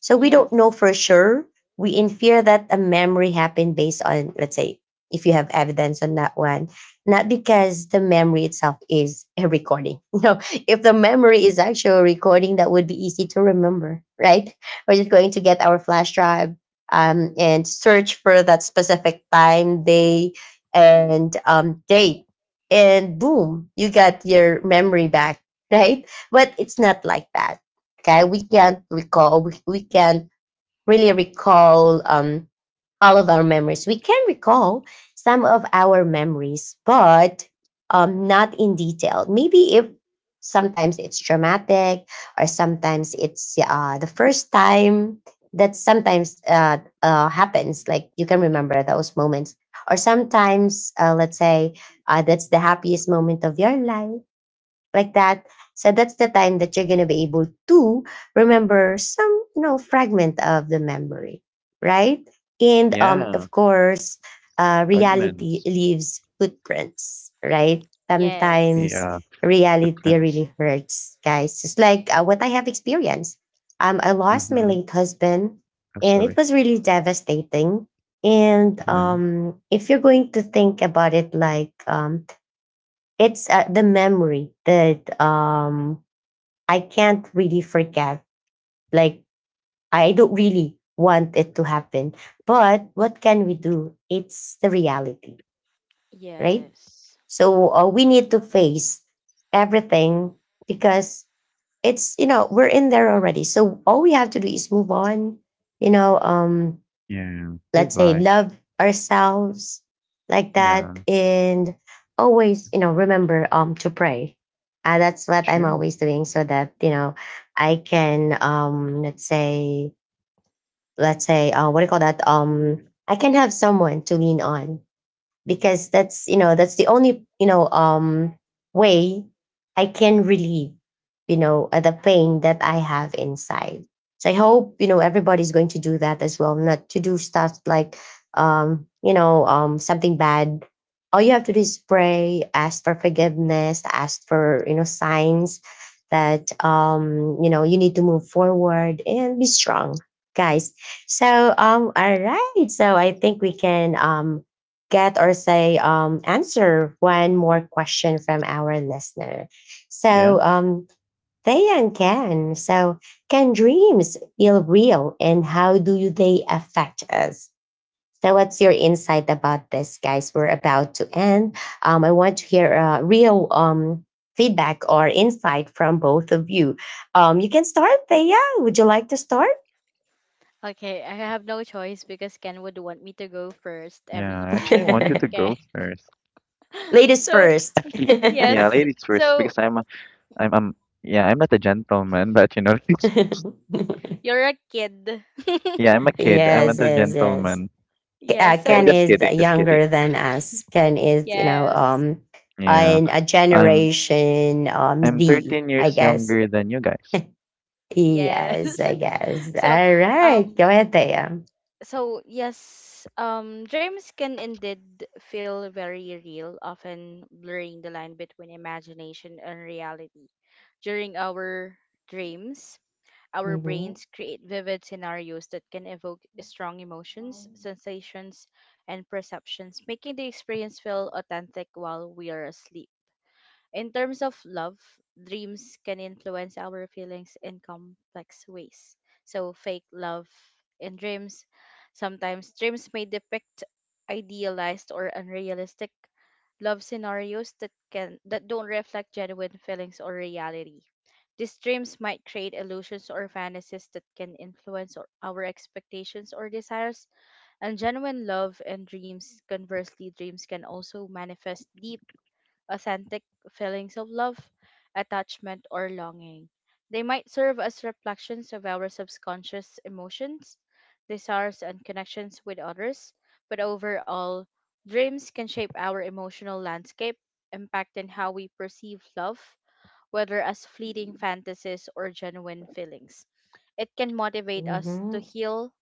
So we don't know Yes. for sure. We infer that a memory happened based on, let's say, if you have evidence on that one, not because the memory itself is a recording. *laughs* You know, if the memory is actually a recording, that would be easy to remember, right? We're just going to get our flash drive and search for that specific time, day, and date. And boom, you got your memory back, right? But it's not like that. Okay, we can't recall. We we, can really recall all of our memories. We can recall some of our memories, but not in detail. Maybe if sometimes it's traumatic, or sometimes it's the first time that sometimes happens, like you can remember those moments. Or sometimes let's say that's the happiest moment of your life, like that. So that's the time that you're going to be able to remember some, you know, fragment of the memory, right? And Yeah. of course, reality Fragments. leaves footprints, right? Yes. Sometimes Yeah. reality Footprints. really hurts, guys. Just like what I have experienced. I lost my Mm-hmm. late husband, Oh, and it sorry. was really devastating. And Yeah. If you're going to think about it, like it's the memory that I can't really forget. Like, I don't really want it to happen, but what can we do? It's the reality, right? Yes. So we need to face everything because it's, you know, we're in there already. So all we have to do is move on. You know, Yeah. let's Live say life. love ourselves, like that, Yeah. and always, you know, remember to pray. That's what I'm Sure. always doing, so that, you know, I can, let's say, what do you call that, I can have someone to lean on, because that's, you know, that's the only, you know, way I can relieve, you know, the pain that I have inside. So I hope, you know, everybody's going to do that as well. Not to do stuff like, you know, something bad. All you have to do is pray, ask for forgiveness, ask for, you know, signs that, you know, you need to move forward and be strong, guys. So all right, so I think we can get or say, answer one more question from our listener. Yeah. So they and Ken. So can dreams feel real, and how do they affect us? So what's your insight about this, guys? We're about to end. I want to hear real, feedback or insight from both of you. You can start, Thea. Would you like to start? Okay, I have no choice because Ken would want me to go first every Yeah. I actually time. want you to *laughs* Okay. go *laughs* first. Ladies So, first. Yeah, yes. ladies first, So, because I'm yeah, I'm not a gentleman, but you know. *laughs* *laughs* you're a kid. Yeah, *laughs* I'm a kid. I'm So, Yes, not a yes, yes. gentleman. Yes. So, Eh, Ken just is kidding, just kidding. younger than us. Ken is, you know, yes. Yeah, in a I'm generation I'm Z, 13 I years guess. younger than you guys. Yes. Yes, I *laughs* guess. So, All right, um go ahead, Thea. so yes, dreams can indeed feel very real, often blurring the line between imagination and reality. During our dreams, our Mm-hmm. brains create vivid scenarios that can evoke strong emotions, sensations, and perceptions, making the experience feel authentic while we are asleep. In terms of love, dreams can influence our feelings in complex ways. So, fake love in dreams. Sometimes dreams may depict idealized or unrealistic love scenarios that can that don't reflect genuine feelings or reality. These dreams might create illusions or fantasies that can influence our expectations or desires. And genuine love and dreams, conversely, dreams can also manifest deep, authentic feelings of love, attachment, or longing. They might serve as reflections of our subconscious emotions, desires, and connections with others. But overall, dreams can shape our emotional landscape, impacting how we perceive love, whether as fleeting fantasies or genuine feelings. It can motivate us to Mm-hmm. heal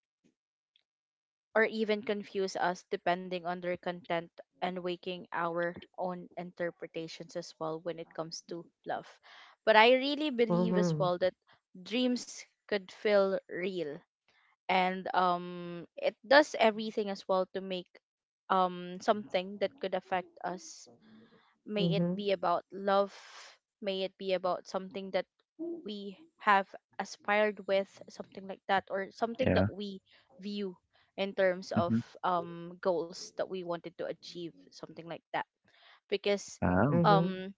or even confuse us, depending on their content and waking our own interpretations as well when it comes to love. But I really believe as Mm-hmm. well that dreams could feel real, and it does everything as well to make something that could affect us. May it Mm-hmm. be about love, may it be about something that we have aspired with, something like that, or something Yeah. that we view in terms Mm-hmm. of goals that we wanted to achieve, something like that. Because Wow. Mm-hmm. um,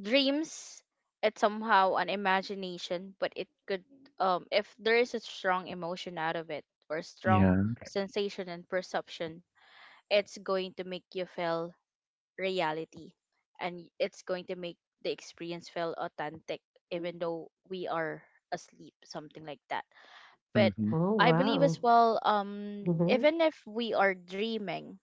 dreams, it's somehow an imagination, but it could, if there is a strong emotion out of it, or strong Yeah. sensation and perception, it's going to make you feel reality, and it's going to make the experience feel authentic even though we are asleep, something like that. But Mm-hmm. Oh I believe as wow. well, Mm-hmm. even if we are dreaming,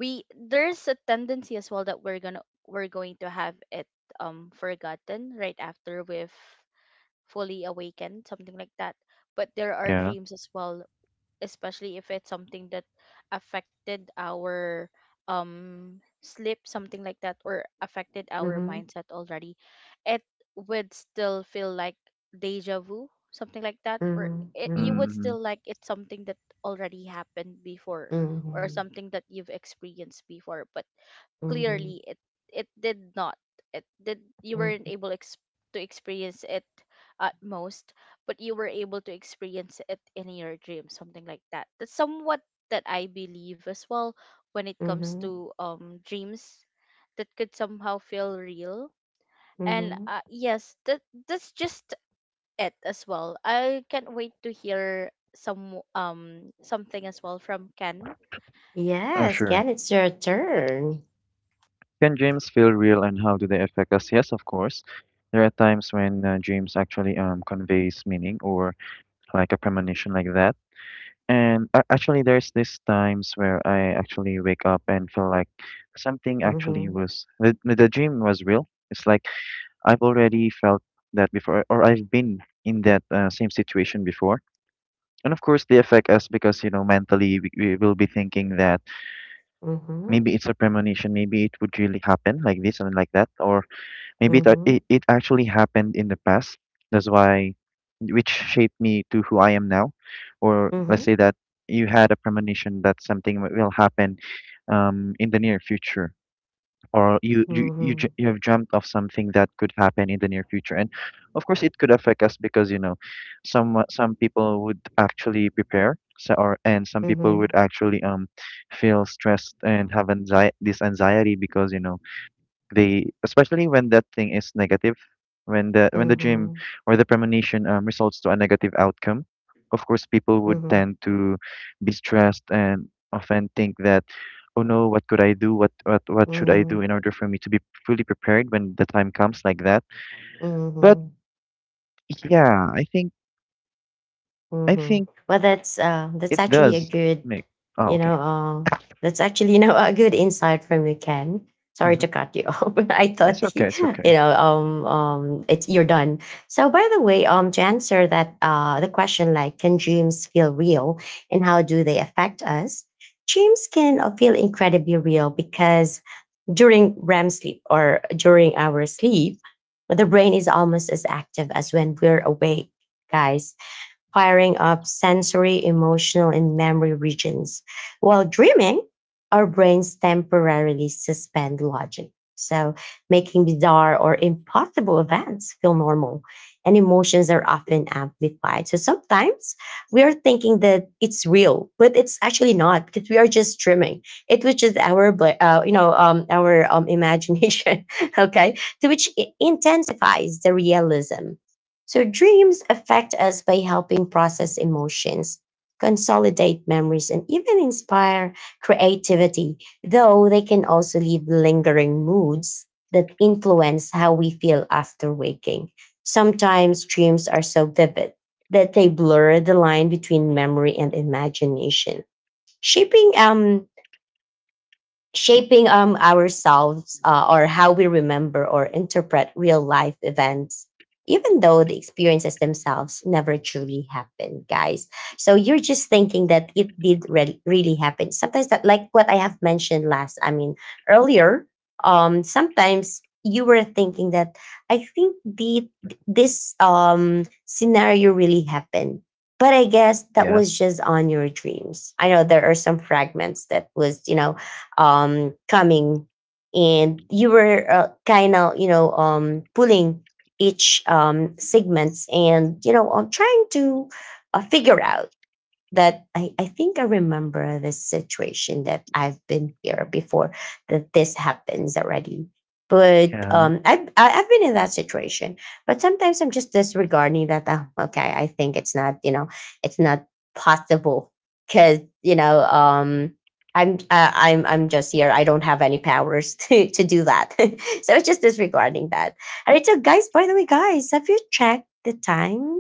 we there's a tendency as well that we're going to have it forgotten right after we've fully awakened, something like that. But there are Yeah. dreams as well, especially if it's something that affected our sleep, something like that, or affected our Mm-hmm. mindset already, it would still feel like deja vu, something like that, or Mm-hmm. it, you Mm-hmm. would Mm-hmm. still like, it's something that already happened before, or Mm-hmm. something that you've experienced before, but clearly it did not, it did you weren't Mm-hmm. able to experience it at most, but you were able to experience it in your dream, something like that. That's somewhat that I believe as well when it comes Mm-hmm. to dreams that could somehow feel real. And Mm-hmm. Yes, that's just it as well. I can't wait to hear some something as well from Ken. Oh, Yes, sure. Ken, it's your turn. Can dreams feel real, and how do they affect us? Yes, of course. There are times when dreams actually conveys meaning or like a premonition like that. And actually, there's these times where I actually wake up and feel like something actually Mm-hmm. was the dream was real. It's like I've already felt that before, or I've been in that same situation before. And of course, they affect us because, you know, mentally we will be thinking that maybe it's a premonition, maybe it would really happen like this and like that, or maybe Mhm. It actually happened in the past, that's why, which shaped me to who I am now. Or let's Mhm. say that you had a premonition that something will happen in the near future, or Mhm. You have dreamt of something that could happen in the near future. And of course it could affect us because you know some people would actually prepare so, or and some people would Mhm. actually feel stressed and have anxiety because you know they, especially when that thing is negative, when the dream Mhm. or the premonition results to a negative outcome, of course people would Mhm. tend to be stressed and often think that, oh no, what could I do? What should I do Mhm. in order for me to be fully prepared when the time comes like that? But Mhm. yeah, I think I Mhm. think Well, that's it actually a does good, make. Oh, you okay. know, that's actually, you know, *laughs* a good insight from you, Ken. Sorry Hmm. to cut you *laughs* off, but I It's thought *laughs* okay. It's okay. you know, it's, you're done. So, by the way, to answer that, the question like, can dreams feel real, and how do they affect us? Dreams can feel incredibly real because during REM sleep or during our sleep, the brain is almost as active as when we're awake, guys, firing up sensory, emotional, and memory regions. While dreaming, our brains temporarily suspend logic. So, making bizarre or impossible events feel normal, and emotions are often amplified. So, sometimes we are thinking that it's real, but it's actually not, because we are just dreaming. It was just our, you know, our, imagination, *laughs* okay, to which it intensifies the realism. So, dreams affect us by helping process emotions, consolidate memories, and even inspire creativity, though they can also leave lingering moods that influence how we feel after waking. Sometimes dreams are so vivid that they blur the line between memory and imagination, shaping um, shaping ourselves, or how we remember or interpret real life events, even though the experiences themselves never truly happen, guys. So you're just thinking that it did really happen. Sometimes that, like what I have mentioned last, I mean earlier, sometimes you were thinking that I think the this scenario really happened. But I guess that Yeah. was just on your dreams. I know there are some fragments that was, you know, coming, and you were kind of, you know, pulling each segments, and you know, I trying to figure out that I think I remember the situation that I've been here before, that this happens already. But Yeah. I've been in that situation. But sometimes I'm just disregarding that. Oh, okay, I think it's not, you know, it's not possible because, you know, I'm I'm just here. I don't have any powers *laughs* to do that. *laughs* So it's just disregarding that. All right. So guys, by the way, guys, have you checked the time?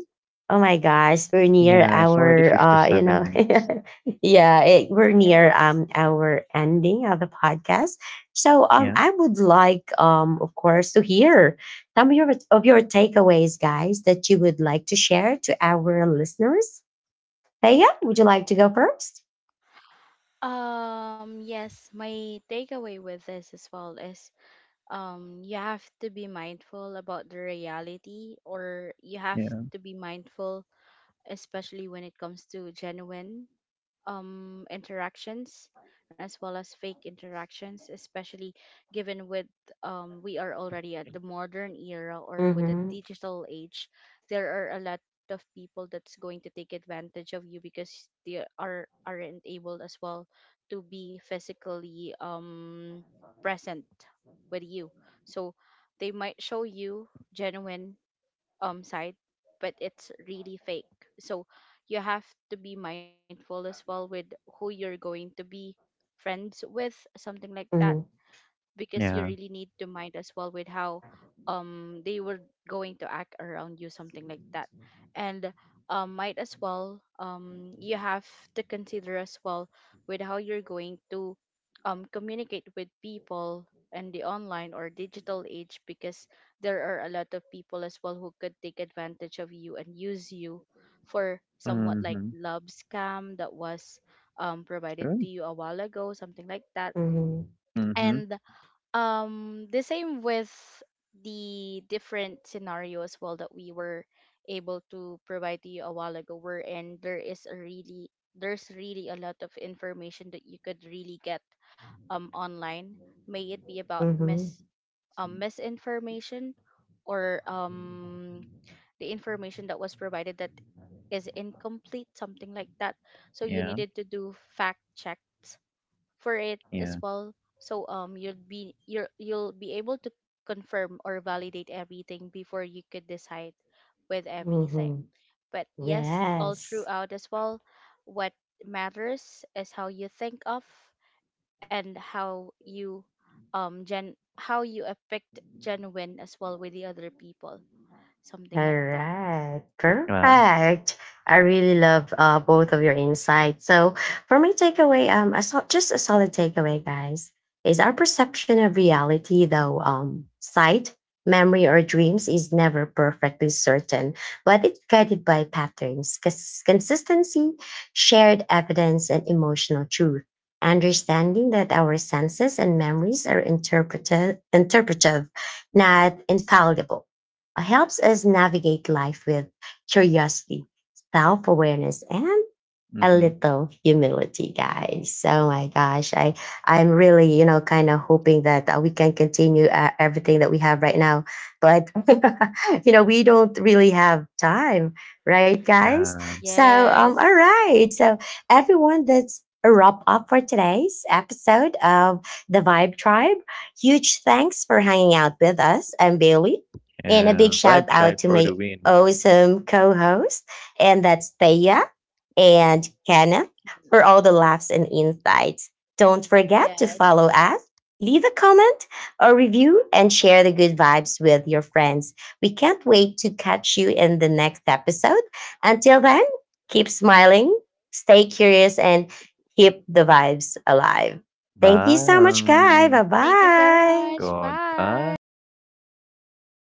Oh my gosh, we're near Yeah. It's already our you fifty-seven know, minutes. *laughs* yeah, it, we're near Yes. Our ending of the podcast. So Yeah. I would like, of course, to hear some of your, takeaways, guys, that you would like to share to our listeners. Thea, would you like to go first? Yes, my takeaway with this as well is you have to be mindful about the reality, or you have Yeah. to be mindful especially when it comes to genuine interactions as well as fake interactions, especially given with we are already at the modern era or with the Mm-hmm. digital age, there are a lot of people that's going to take advantage of you because they aren't able as well to be physically present with you. So they might show you genuine side but it's really fake, so you have to be mindful as well with who you're going to be friends with, something like that, Mm-hmm. because you really Yeah. need to mind as well with how they were going to act around you, something like that. And might as well, you have to consider as well with how you're going to communicate with people in the online or digital age, because there are a lot of people as well who could take advantage of you and use you for somewhat like Mm-hmm. love scam that was provided to you a while ago, something like that. Mm-hmm. And Mhm. The same with the different scenario as well that we were able to provide to you a while ago, wherein there is a really there's really a lot of information that you could really get online, may it be about misinformation, or the information that was provided that is incomplete, something like that, so you Yeah, needed to do fact checks for it as yeah. well. So you'll be you'll be able to confirm or validate everything before you could decide with everything. Mm-hmm. But yes, all Yes. throughout as well, what matters is how you think of and how you gen how you affect genuine as well with the other people. Something All like that. right, Wow. perfect. I really love both of your insights. So, for my takeaway, I saw just a solid takeaway, guys, is our perception of reality, though sight, memory, or dreams is never perfectly certain, but it's guided by patterns, consistency, shared evidence, and emotional truth. Understanding that our senses and memories are interpretive, interpretive, not infallible, helps us navigate life with curiosity, self awareness, and a Mhm. little humility, guys. Oh my gosh, I, I'm really, you know, kind of hoping that we can continue everything that we have right now, but *laughs* you know, we don't really have time, right, guys? Yeah. So all Yes. right, so everyone, that's a wrap up for today's episode of The Vibe Tribe. Huge thanks for hanging out with us. I'm Bailey, and a Yeah. big Vibe shout tribe out to for the my win. awesome co-host, and that's Thea, and Kenneth, for all the laughs and insights. Don't forget to Yes. follow us, leave a comment or review, and share the good vibes with your friends. We can't wait to catch you in the next episode. Until then, keep smiling, stay curious, and keep the vibes alive. Thank you so much, guys. Bye. Bye Thank you so bye. much. Bye. Goodbye.